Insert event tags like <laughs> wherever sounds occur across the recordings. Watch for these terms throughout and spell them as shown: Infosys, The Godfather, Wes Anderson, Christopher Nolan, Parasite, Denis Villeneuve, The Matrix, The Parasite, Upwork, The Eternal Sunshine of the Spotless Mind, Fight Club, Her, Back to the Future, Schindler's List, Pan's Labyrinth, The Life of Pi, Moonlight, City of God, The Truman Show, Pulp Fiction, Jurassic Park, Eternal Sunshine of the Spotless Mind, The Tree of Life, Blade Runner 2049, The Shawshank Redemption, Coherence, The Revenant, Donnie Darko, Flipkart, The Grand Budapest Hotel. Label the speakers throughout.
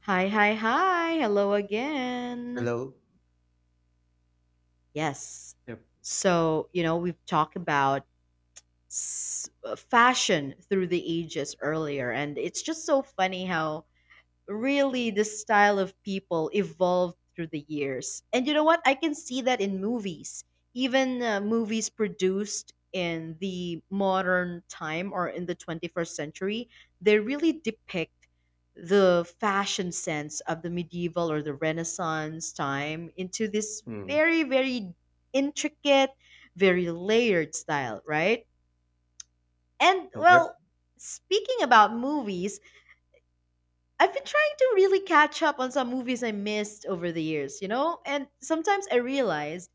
Speaker 1: Hi, hi, hi. Hello again.
Speaker 2: Hello.
Speaker 1: Yes.
Speaker 2: Yep.
Speaker 1: So, you know, we've talked about fashion through the ages earlier, and it's just so funny how really the style of people evolved through the years. And you know what? I can see that in movies, even movies produced in the modern time or in the 21st century, they really depict the fashion sense of the medieval or the Renaissance time into this
Speaker 2: Mm,
Speaker 1: very, very intricate, very layered style, right? And
Speaker 2: Yep.
Speaker 1: well, speaking about movies, I've been trying to really catch up on some movies I missed over the years, you know? And sometimes I realize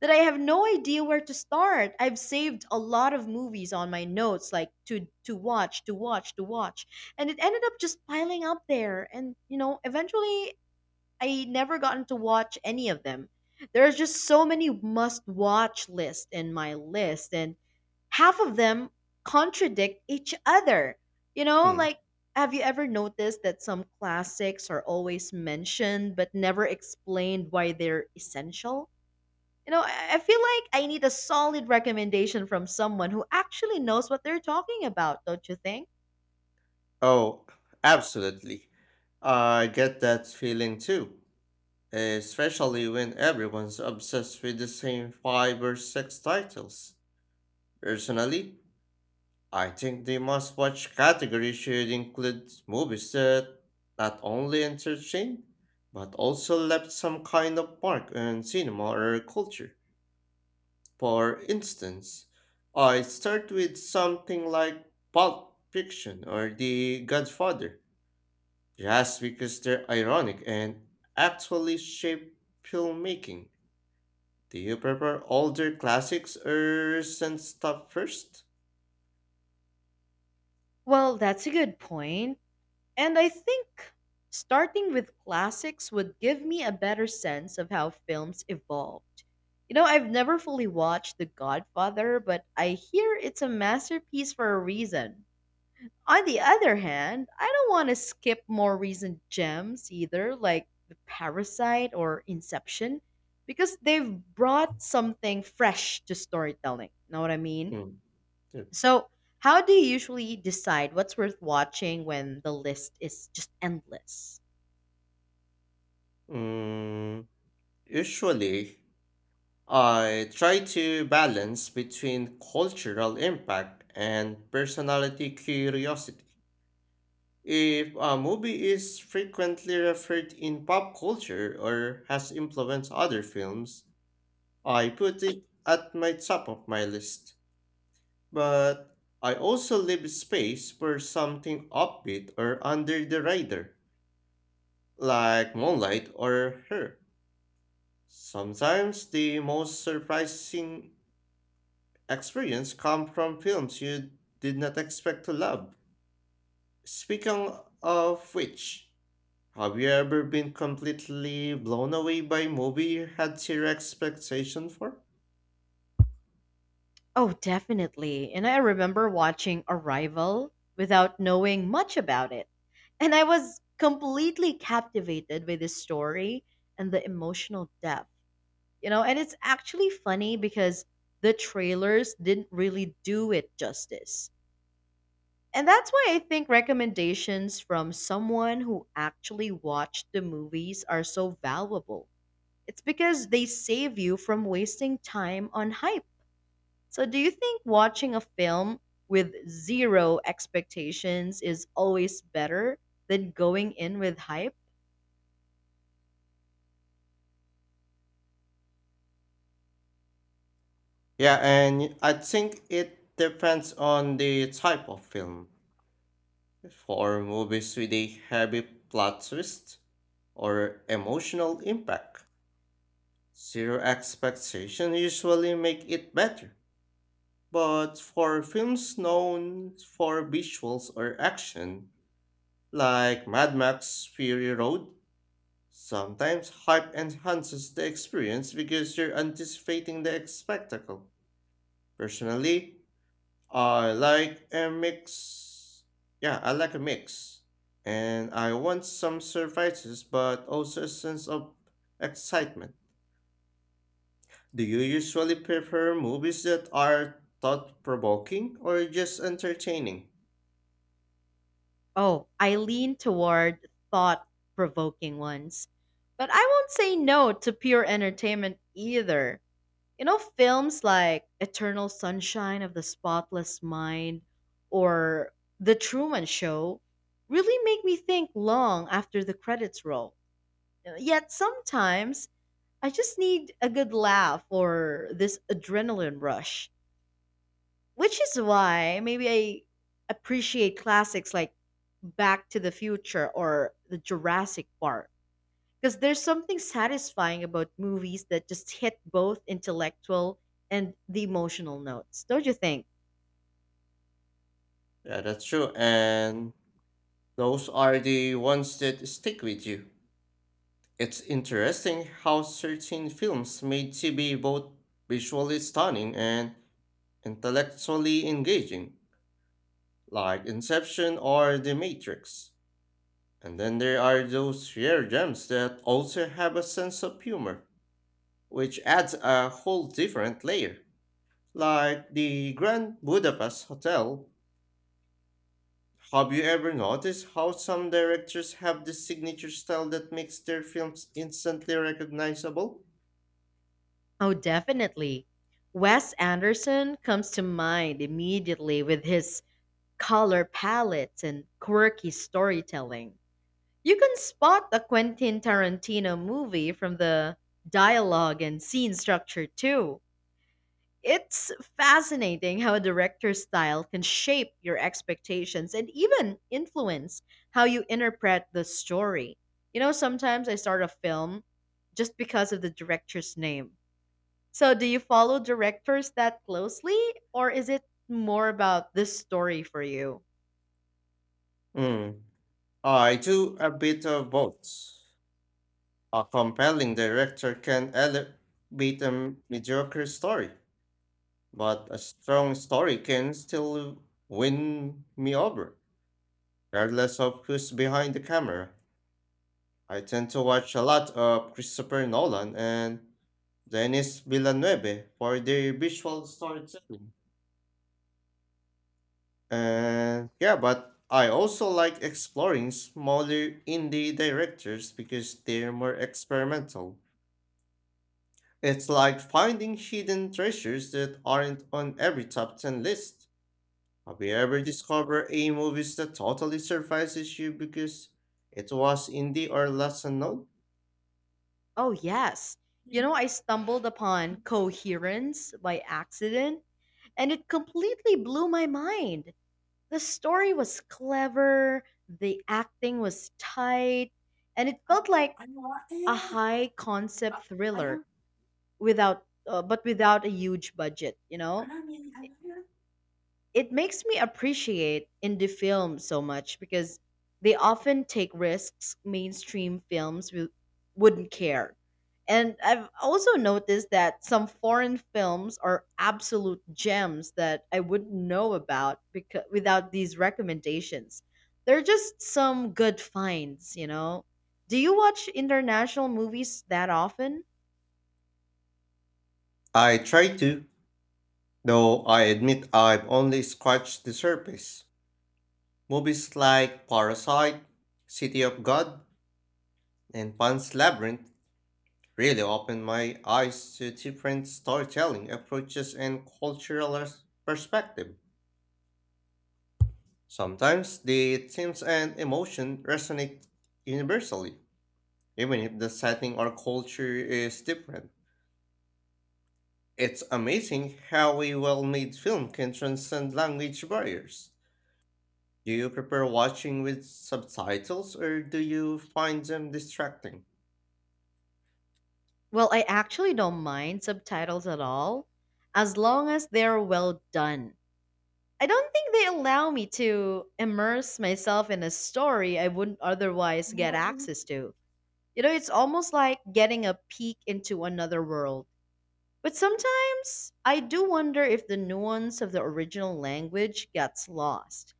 Speaker 1: that I have no idea where to start. I've saved a lot of movies on my notes like to watch. And it ended up just piling up there and you know, eventually I never gotten to watch any of them. There's just so many must watch lists in my list, and half of them contradict each other. You know,
Speaker 2: Mm.
Speaker 1: like, have you ever noticed that some classics are always mentioned but never explained why they're essential? You know, I feel like I need a solid recommendation from someone who actually knows what they're talking about, don't you think?
Speaker 2: Oh, absolutely. I get that feeling too, especially when everyone's obsessed with the same five or six titles. Personally, I think the must watch category should include movies that not only entertain, but also left some kind of mark on cinema or culture. For instance, I start with something like Pulp Fiction or The Godfather, just because they're ironic and actually shape filmmaking. Do you prefer older classics or recent stuff first?
Speaker 1: Well, that's a good point. And I think starting with classics would give me a better sense of how films evolved. You know, I've never fully watched The Godfather, but I hear it's a masterpiece for a reason. On the other hand, I don't want to skip more recent gems either, like The Parasite or Inception, because they've brought something fresh to storytelling. Know what I mean?
Speaker 2: Mm, yeah.
Speaker 1: So, how do you usually decide what's worth watching when the list is just endless?
Speaker 2: Mm, Usually, I try to balance between cultural impact and personality curiosity. If a movie is frequently referred in pop culture or has influenced other films, I put it at my top of my list. But I also leave space for something upbeat or under the radar, like Moonlight or Her. Sometimes the most surprising experience come from films you did not expect to love. Speaking of which, have you ever been completely blown away by a movie you had zero expectation for?
Speaker 1: Oh, definitely. And I remember watching Arrival without knowing much about it. And I was completely captivated by the story and the emotional depth. You know, and it's actually funny because the trailers didn't really do it justice. And that's why I think recommendations from someone who actually watched the movies are so valuable. It's because they save you from wasting time on hype. So, do you think watching a film with zero expectations is always better than going in with hype?
Speaker 2: Yeah, and I think it depends on the type of film. For movies with a heavy plot twist or emotional impact, zero expectation usually make it better. But for films known for visuals or action, like Mad Max Fury Road, sometimes hype enhances the experience because you're anticipating the spectacle. Personally, I like a mix. Yeah, I like a mix. And I want some surprises but also a sense of excitement. Do you usually prefer movies that are thought provoking or just entertaining?
Speaker 1: Oh, I lean toward thought provoking ones. But I won't say no to pure entertainment either. You know, films like Eternal Sunshine of the Spotless Mind or The Truman Show really make me think long after the credits roll. Yet sometimes I just need a good laugh or this adrenaline rush, which is why maybe I appreciate classics like Back to the Future or the Jurassic Park. Because there's something satisfying about movies that just hit both intellectual and the emotional notes, don't you think?
Speaker 2: Yeah, that's true. And those are the ones that stick with you. It's interesting how certain films made to be both visually stunning and intellectually engaging, like Inception or The Matrix. And then there are those rare gems that also have a sense of humor, which adds a whole different layer, like The Grand Budapest Hotel. Have you ever noticed how some directors have this signature style that makes their films instantly recognizable?
Speaker 1: Oh, definitely. Wes Anderson comes to mind immediately with his color palettes and quirky storytelling. You can spot a Quentin Tarantino movie from the dialogue and scene structure, too. It's fascinating how a director's style can shape your expectations and even influence how you interpret the story. You know, sometimes I start a film just because of the director's name. So, do you follow directors that closely, or is it more about this story for you?
Speaker 2: Hmm. I do a bit of both. A compelling director can elevate a mediocre story, but a strong story can still win me over, regardless of who's behind the camera. I tend to watch a lot of Christopher Nolan and Denis Villeneuve for their visual storytelling. And yeah, but I also like exploring smaller indie directors because they're more experimental. It's like finding hidden treasures that aren't on every top 10 list. Have you ever discovered a movie that totally surprises you because it was indie or less unknown?
Speaker 1: Oh, yes. You know, I stumbled upon Coherence by accident, and it completely blew my mind. The story was clever, the acting was tight, and it
Speaker 2: I,
Speaker 1: felt like
Speaker 2: I want
Speaker 1: a
Speaker 2: it.
Speaker 1: high concept
Speaker 2: I, I
Speaker 1: thriller
Speaker 2: don't.
Speaker 1: without, but without a huge budget, you
Speaker 2: I
Speaker 1: know?
Speaker 2: don't really. I don't know.
Speaker 1: It makes me appreciate indie films so much because they often take risks mainstream films wouldn't care. And I've also noticed that some foreign films are absolute gems that I wouldn't know about because, without these recommendations. They're just some good finds, you know? Do you watch international movies that often?
Speaker 2: I try to, though I admit I've only scratched the surface. Movies like Parasite, City of God, and Pan's Labyrinth really opened my eyes to different storytelling approaches and cultural perspective. Sometimes the themes and emotion resonate universally, even if the setting or culture is different. It's amazing how a well made film can transcend language barriers. Do you prefer watching with subtitles or do you find them distracting?
Speaker 1: Well, I actually don't mind subtitles at all, as long as they're well done. I don't think they allow me to immerse myself in a story I wouldn't otherwise get access to. You know, it's almost like getting a peek into another world. But sometimes I do wonder if the nuance of the original language gets lost.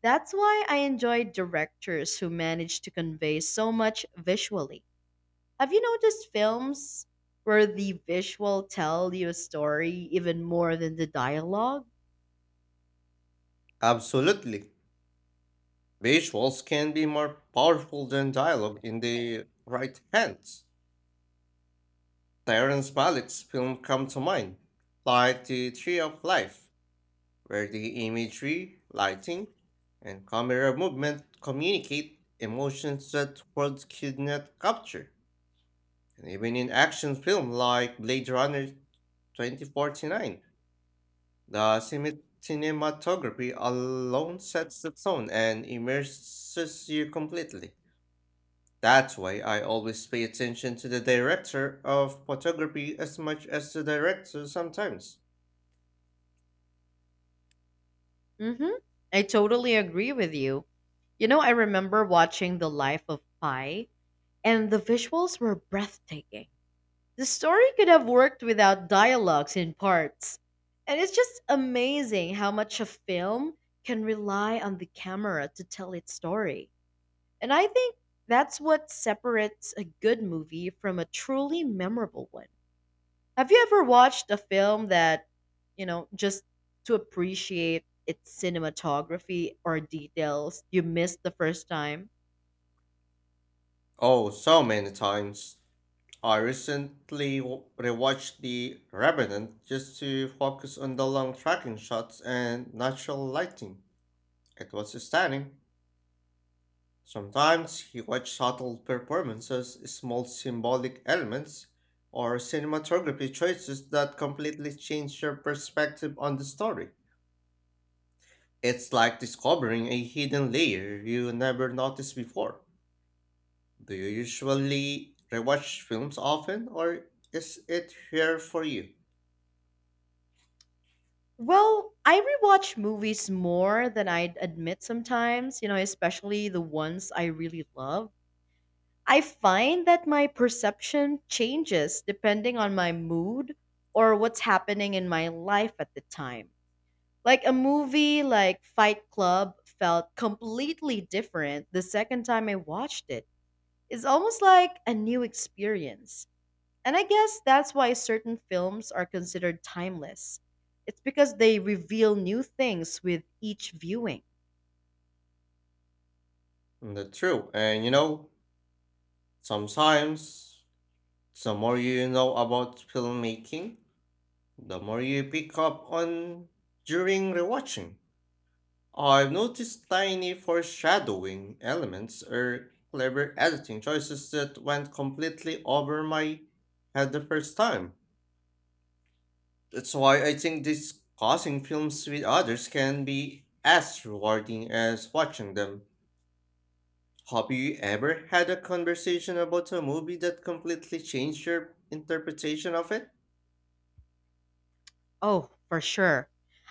Speaker 1: That's why I enjoy directors who manage to convey so much visually. Have you noticed films where the visual tell you a story even more than the dialogue?
Speaker 2: Absolutely. Visuals can be more powerful than dialogue in the right hands. Terrence Malick's film come to mind, like The Tree of Life, where the imagery, lighting, and camera movement communicate emotions that words could not capture. And even in action film like Blade Runner 2049, the cinematography alone sets the tone and immerses you completely. That's why I always pay attention to the director of photography as much as the director sometimes.
Speaker 1: Hmm. I totally agree with you. You know, I remember watching The Life of Pi, and the visuals were breathtaking. The story could have worked without dialogues in parts. And it's just amazing how much a film can rely on the camera to tell its story. And I think that's what separates a good movie from a truly memorable one. Have you ever watched a film that, you know, just to appreciate its cinematography or details you missed the first time?
Speaker 2: Oh, so many times. I recently rewatched The Revenant just to focus on the long tracking shots and natural lighting. It was stunning. Sometimes he watched subtle performances, small symbolic elements, or cinematography choices that completely change your perspective on the story. It's like discovering a hidden layer you never noticed before. Do you usually rewatch films often, or is it here for you?
Speaker 1: Well, I rewatch movies more than I'd admit sometimes, you know, especially the ones I really love. I find that my perception changes depending on my mood or what's happening in my life at the time. Like a movie like Fight Club felt completely different the second time I watched it. It's almost like a new experience. And I guess that's why certain films are considered timeless. It's because they reveal new things with each viewing.
Speaker 2: That's true. And you know, sometimes the more you know about filmmaking, the more you pick up on during rewatching. I've noticed tiny foreshadowing elements or clever editing choices that went completely over my head the first time. That's why I think discussing films with others can be as rewarding as watching them. Have you ever had a conversation about a movie that completely changed your interpretation of it?
Speaker 1: Oh, for sure.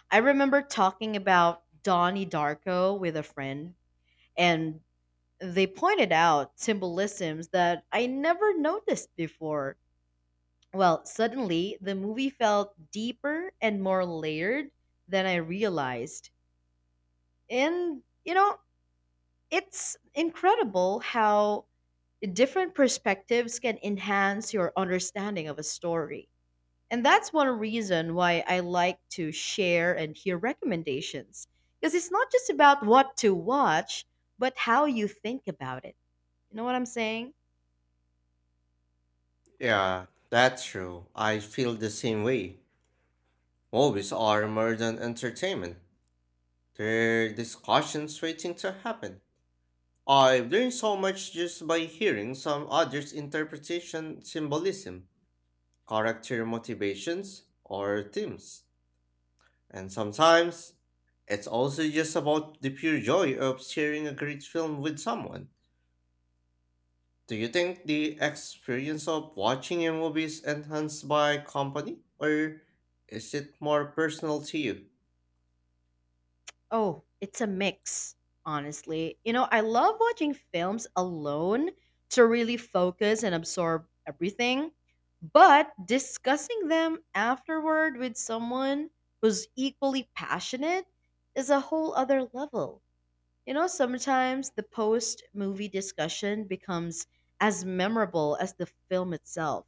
Speaker 1: I remember talking about Donnie Darko with a friend, and they pointed out symbolisms that I never noticed before. Well, suddenly the movie felt deeper and more layered than I realized. And, you know, it's incredible how different perspectives can enhance your understanding of a story. And that's one reason why I like to share and hear recommendations. Because it's not just about what to watch, but how you think about it. You know what I'm saying?
Speaker 2: Yeah, that's true. I feel the same way. Movies are more than entertainment. They're discussions waiting to happen. I've learned so much just by hearing some others' interpretation, symbolism, character motivations, or themes. And sometimes, it's also just about the pure joy of sharing a great film with someone. Do you think the experience of watching a movie is enhanced by company, or is it more personal to you?
Speaker 1: Oh, it's a mix, honestly. You know, I love watching films alone to really focus and absorb everything, but discussing them afterward with someone who's equally passionate is a whole other level. You know, sometimes the post movie discussion becomes as memorable as the film itself.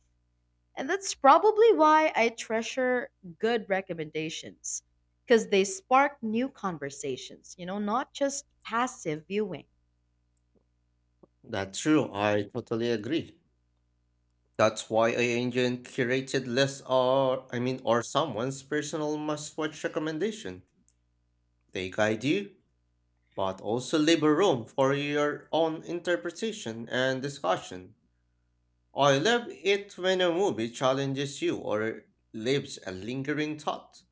Speaker 1: And that's probably why I treasure good recommendations because they spark new conversations, you know, not just passive viewing.
Speaker 2: That's true, I totally agree. That's why AI engine curated lists are, or someone's personal must-watch recommendation. They guide you, but also leave a room for your own interpretation and discussion. I love it when a movie challenges you or leaves a lingering thought.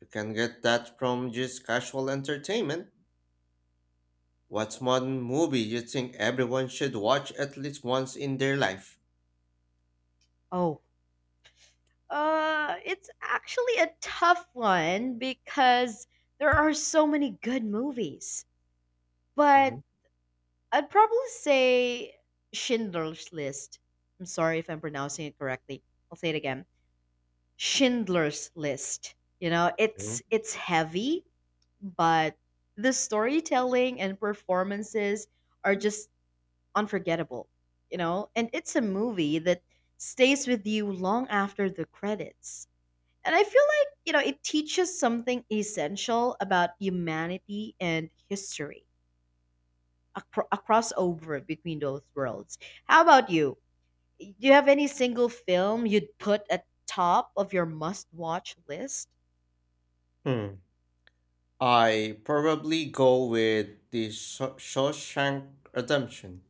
Speaker 2: You can get that from just casual entertainment. What's one movie you think everyone should watch at least once in their life?
Speaker 1: Oh, it's actually a tough one because there are so many good movies. But
Speaker 2: Mhm,
Speaker 1: I'd probably say Schindler's List. I'm sorry if I'm pronouncing it correctly. I'll say it again. Schindler's List. You know, it's
Speaker 2: mhm,
Speaker 1: it's heavy, but the storytelling and performances are just unforgettable, you know? And it's a movie that stays with you long after the credits. And I feel like, you know, it teaches something essential about humanity and history, a, a crossover between those worlds. How about you? Do you have any single film you'd put at top of your must-watch list?
Speaker 2: mhm. I probably go with the Shawshank Redemption.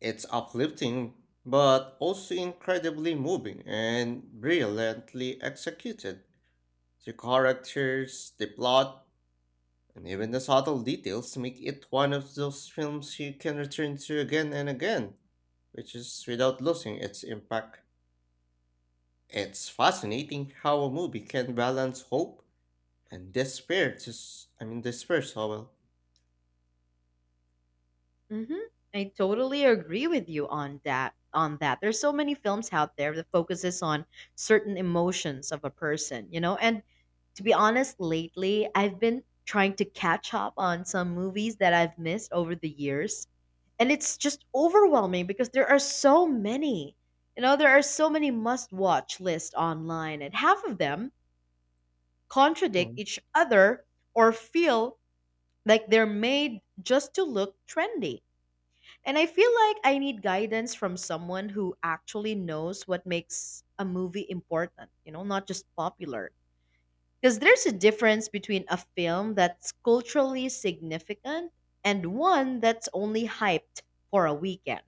Speaker 2: It's uplifting, but also incredibly moving and brilliantly executed. The characters, the plot, and even the subtle details make it one of those films you can return to again and again, which is without losing its impact. It's fascinating how a movie can balance hope and despair to, s- I mean, despair so well.
Speaker 1: Mhm. I totally agree with you on that. On that, there's so many films out there that focuses on certain emotions of a person, you know. And to be honest, lately I've been trying to catch up on some movies that I've missed over the years, and it's just overwhelming because there are so many. You know, there are so many must-watch lists online, and half of them contradict
Speaker 2: Mm.
Speaker 1: each other or feel like they're made just to look trendy. And I feel like I need guidance from someone who actually knows what makes a movie important, you know, not just popular. Because there's a difference between a film that's culturally significant and one that's only hyped for a weekend.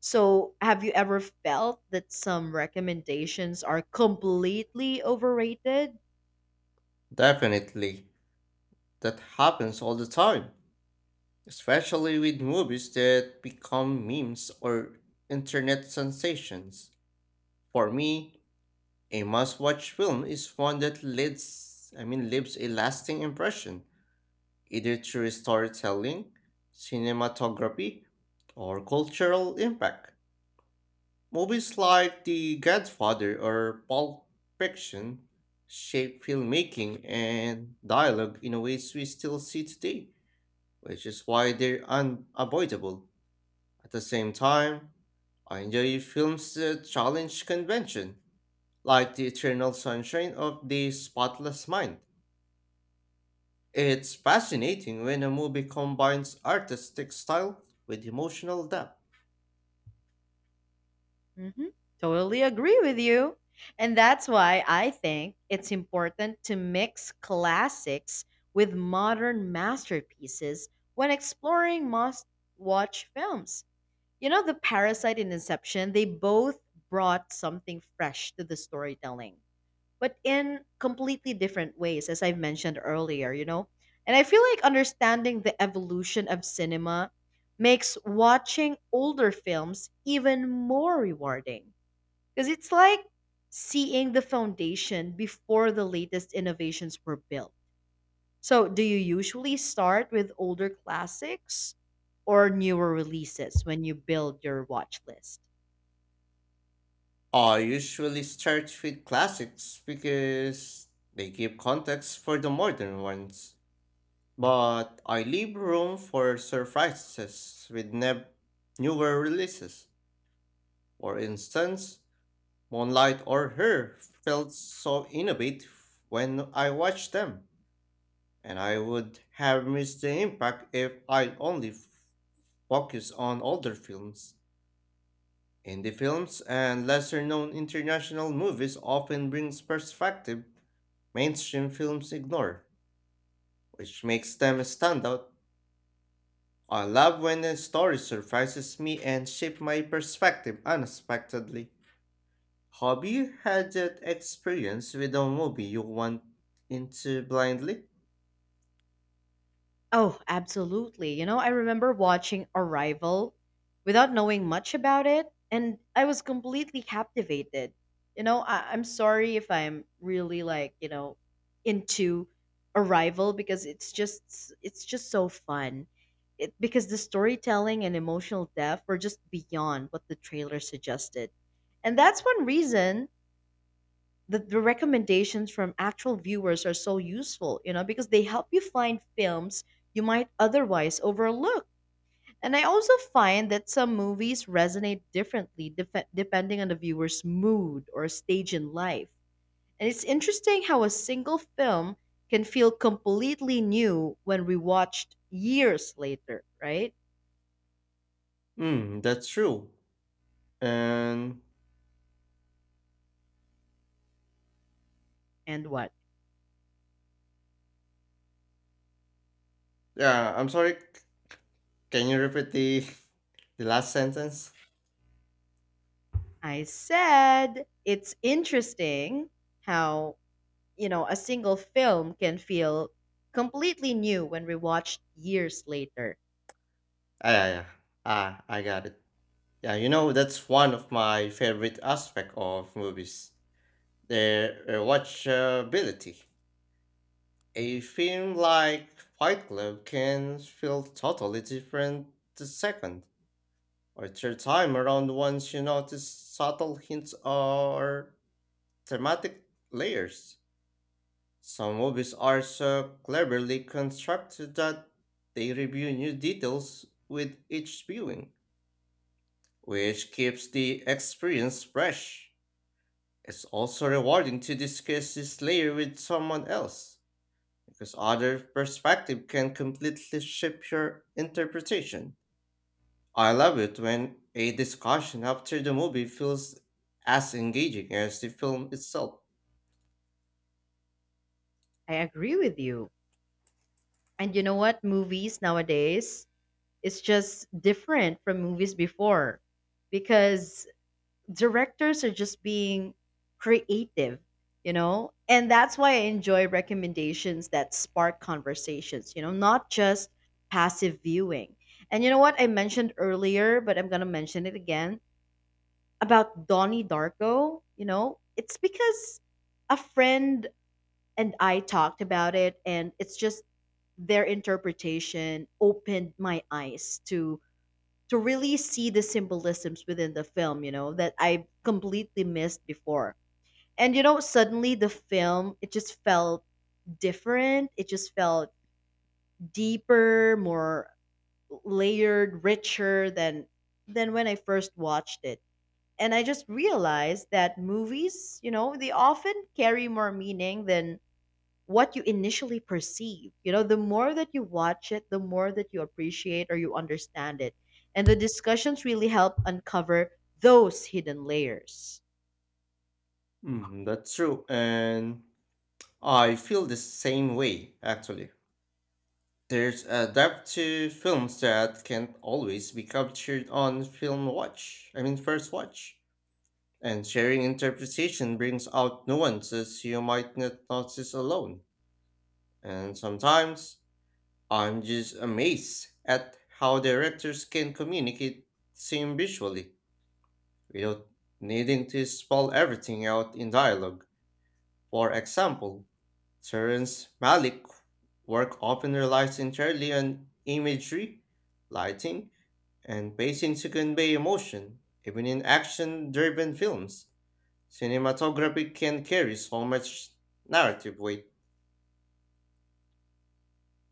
Speaker 1: So, have you ever felt that some recommendations are completely overrated?
Speaker 2: Definitely. That happens all the time, especially with movies that become memes or internet sensations. For me, a must-watch film is one that leaves a lasting impression, either through storytelling, cinematography, or cultural impact. Movies like The Godfather or Pulp Fiction shape filmmaking and dialogue in ways we still see today, which is why they're unavoidable. At the same time, I enjoy films that challenge convention, like The Eternal Sunshine of the Spotless Mind. It's fascinating when a movie combines artistic style with emotional depth.
Speaker 1: Hmm. Totally agree with you. And that's why I think it's important to mix classics with modern masterpieces when exploring must watch films. You know, The Parasite and Inception, they both brought something fresh to the storytelling, but in completely different ways, as I've mentioned earlier, you know? And I feel like understanding the evolution of cinema makes watching older films even more rewarding because it's like seeing the foundation before the latest innovations were built. So, do you usually start with older classics or newer releases when you build your watch list?
Speaker 2: I usually start with classics because they give context for the modern ones, but I leave room for surprises with newer releases. For instance, Moonlight or her felt so innovative when I watched them, and I would have missed the impact if I'd only focused on older films. Indie films and lesser known international movies often brings perspective mainstream films ignore, which makes them stand out. I love when a story surprises me and shape my perspective unexpectedly. Have you had that experience with a movie you went into blindly?
Speaker 1: Oh, absolutely. You know, I remember watching Arrival without knowing much about it, and I was completely captivated. You know, I'm sorry if I'm really like, you know, into Arrival because it's just so fun. It, because the storytelling and emotional depth were just beyond what the trailer suggested. And that's one reason the recommendations from actual viewers are so useful, you know, because they help you find films you might otherwise overlook. And I also find that some movies resonate differently depending on the viewer's mood or stage in life. And it's interesting how a single film can feel completely new when rewatched years later, right?
Speaker 2: Hmm, that's true. And
Speaker 1: And what?
Speaker 2: yeah, I'm sorry. Can you repeat the <laughs> the last sentence?
Speaker 1: I said it's interesting how you know, a single film can feel completely new when rewatched years later.
Speaker 2: Ah, yeah, yeah. Ah, I got it. Yeah, you know that's one of my favorite aspect of movies. Their watchability. A film like Fight Club can feel totally different the second or your time around once you notice subtle hints or thematic layers. Some movies are so cleverly constructed that they reveal new details with each viewing, which keeps the experience fresh. It's also rewarding to discuss this layer with someone else, because other perspective can completely shape your interpretation. I love it when a discussion after the movie feels as engaging as the film itself.
Speaker 1: I agree with you. And you know what? Movies nowadays, it's just different from movies before because directors are just being creative, you know? And that's why I enjoy recommendations that spark conversations, you know, not just passive viewing. And you know what? I mentioned earlier, but I'm going to mention it again about Donnie Darko, you know, it's because a friend and I talked about it, and it's just their interpretation opened my eyes to really see the symbolisms within the film, you know, that I completely missed before. And you know, suddenly the film it just felt different. It just felt deeper, more layered, richer than when I first watched it. And I just realized that movies, you know, they often carry more meaning than what you initially perceive. You know, the more that you watch it, the more that you appreciate or you understand it. And the discussions really help uncover those hidden layers.
Speaker 2: Mhm, that's true, and I feel the same way actually. There's a depth to films that can't always be captured on film watch, I mean, first watch. And sharing interpretation brings out nuances you might not notice alone. And sometimes I'm just amazed at how directors can communicate same visually without needing to spell everything out in dialogue. For example, Terrence Malick's work often relies entirely on imagery, lighting, and pacing to convey emotion. Even in action driven films, cinematography can carry so much narrative weight.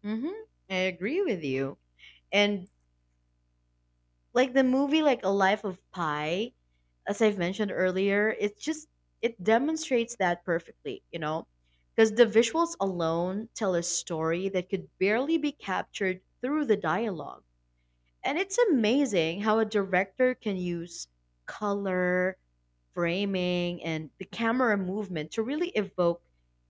Speaker 1: Hmm. I agree with you. And like the movie like A Life of Pi, as I've mentioned earlier, it's just it demonstrates that perfectly, you know, because the visuals alone tell a story that could barely be captured through the dialogue. And it's amazing how a director can use color, framing, and the camera movement to really evoke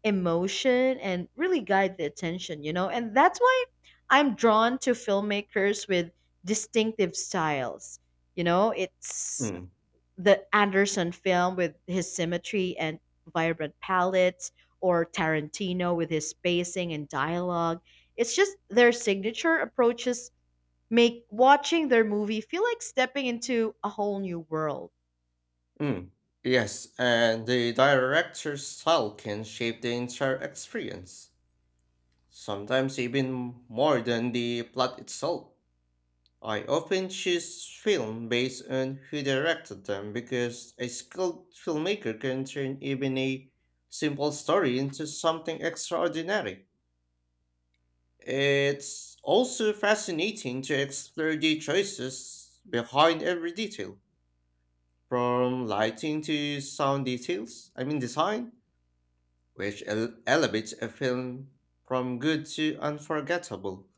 Speaker 1: emotion and really guide the attention, you know? And that's why I'm drawn to filmmakers with distinctive styles. You know, it's
Speaker 2: Mm,
Speaker 1: the Anderson film with his symmetry and vibrant palette, or Tarantino with his spacing and dialogue. It's just their signature approaches make watching their movie feel like stepping into a whole new world.
Speaker 2: mm. Yes, and the director's style can shape the entire experience, sometimes even more than the plot itself. I often choose films based on who directed them because a skilled filmmaker can turn even a simple story into something extraordinary. It's also fascinating to explore the choices behind every detail, from lighting to sound details, I mean design, which elevates a film from good to unforgettable.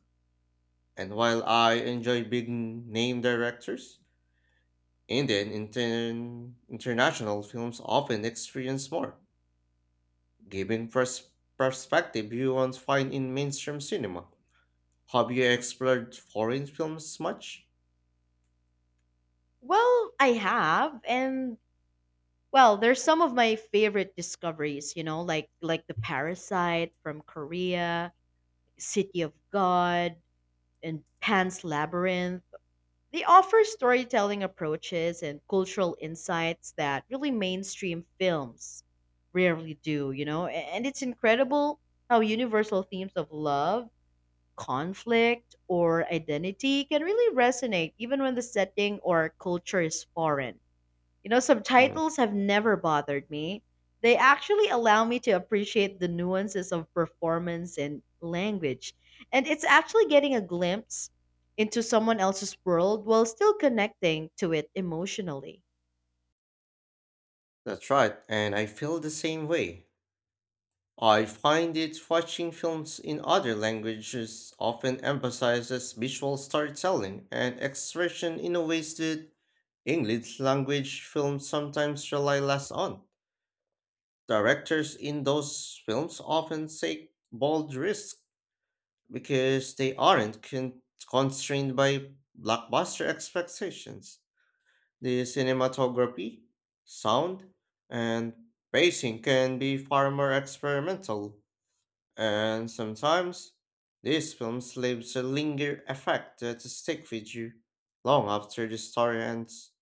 Speaker 2: And while I enjoy big name directors, and then international films often experience more, giving perspective you won't find in mainstream cinema. Have you explored foreign films much?
Speaker 1: Well, I have, and well, there's some of my favorite discoveries, you know, like The Parasite from Korea, City of God, and Pan's Labyrinth. They offer storytelling approaches and cultural insights that really mainstream films rarely do, you know? And it's incredible how universal themes of love, conflict, or identity can really resonate even when the setting or culture is foreign. You know,
Speaker 2: Mm,
Speaker 1: subtitles have never bothered me. They actually allow me to appreciate the nuances of performance and language. And it's actually getting a glimpse into someone else's world while still connecting to it emotionally.
Speaker 2: that's right, and I feel the same way. I find it watching films in other languages often emphasizes visual storytelling and expression in a ways that English language films sometimes rely less on. Directors in those films often take bold risks because they aren't constrained by blockbuster expectations. The cinematography, sound, and pacing can be far more experimental, and sometimes these films leaves a linger effect that stick with you long after the story ends.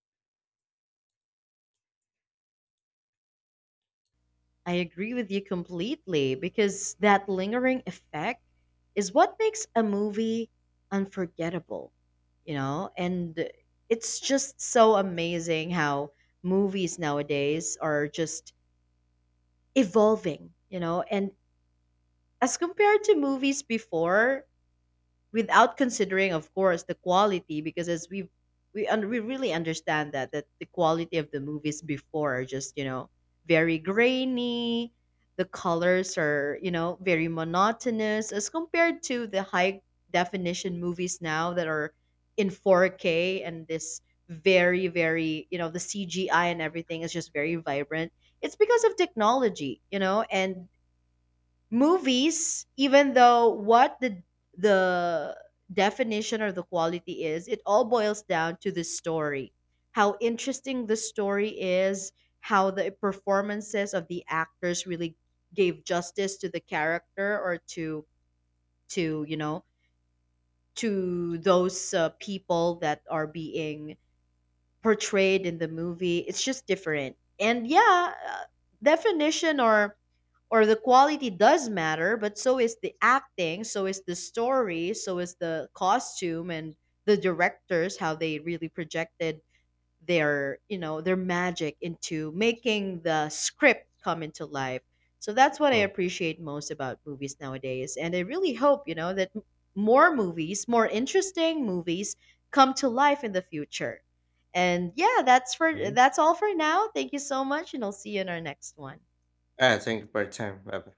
Speaker 1: I agree with you completely, because that lingering effect is what makes a movie unforgettable, you know? And it's just so amazing how movies nowadays are just evolving, you know? And as compared to movies before, without considering of course the quality, because as we really understand that the quality of the movies before are just, you know, very grainy, the colors are, you know, very monotonous as compared to the high definition movies now that are in 4K, and this very, you know, the CGI and everything is just very vibrant. It's because of technology, you know. And movies, even though what the definition or the quality is, it all boils down to the story. How interesting the story is, how the performances of the actors really gave justice to the character or to you know, to those people that are being portrayed in the movie. It's just different. And yeah, definition or the quality does matter, but so is the acting, so is the story, so is the costume, and the directors how they really projected their, you know, their magic into making the script come into life. So that's what I
Speaker 2: Hmm.
Speaker 1: appreciate most about movies nowadays. And I really hope, you know, that more movies, more interesting movies come to life in the future. And yeah,
Speaker 2: Mhm.
Speaker 1: that's all for now. Thank you so much, and I'll see you in our next one.
Speaker 2: Ah, thank you for your time. Bye-bye.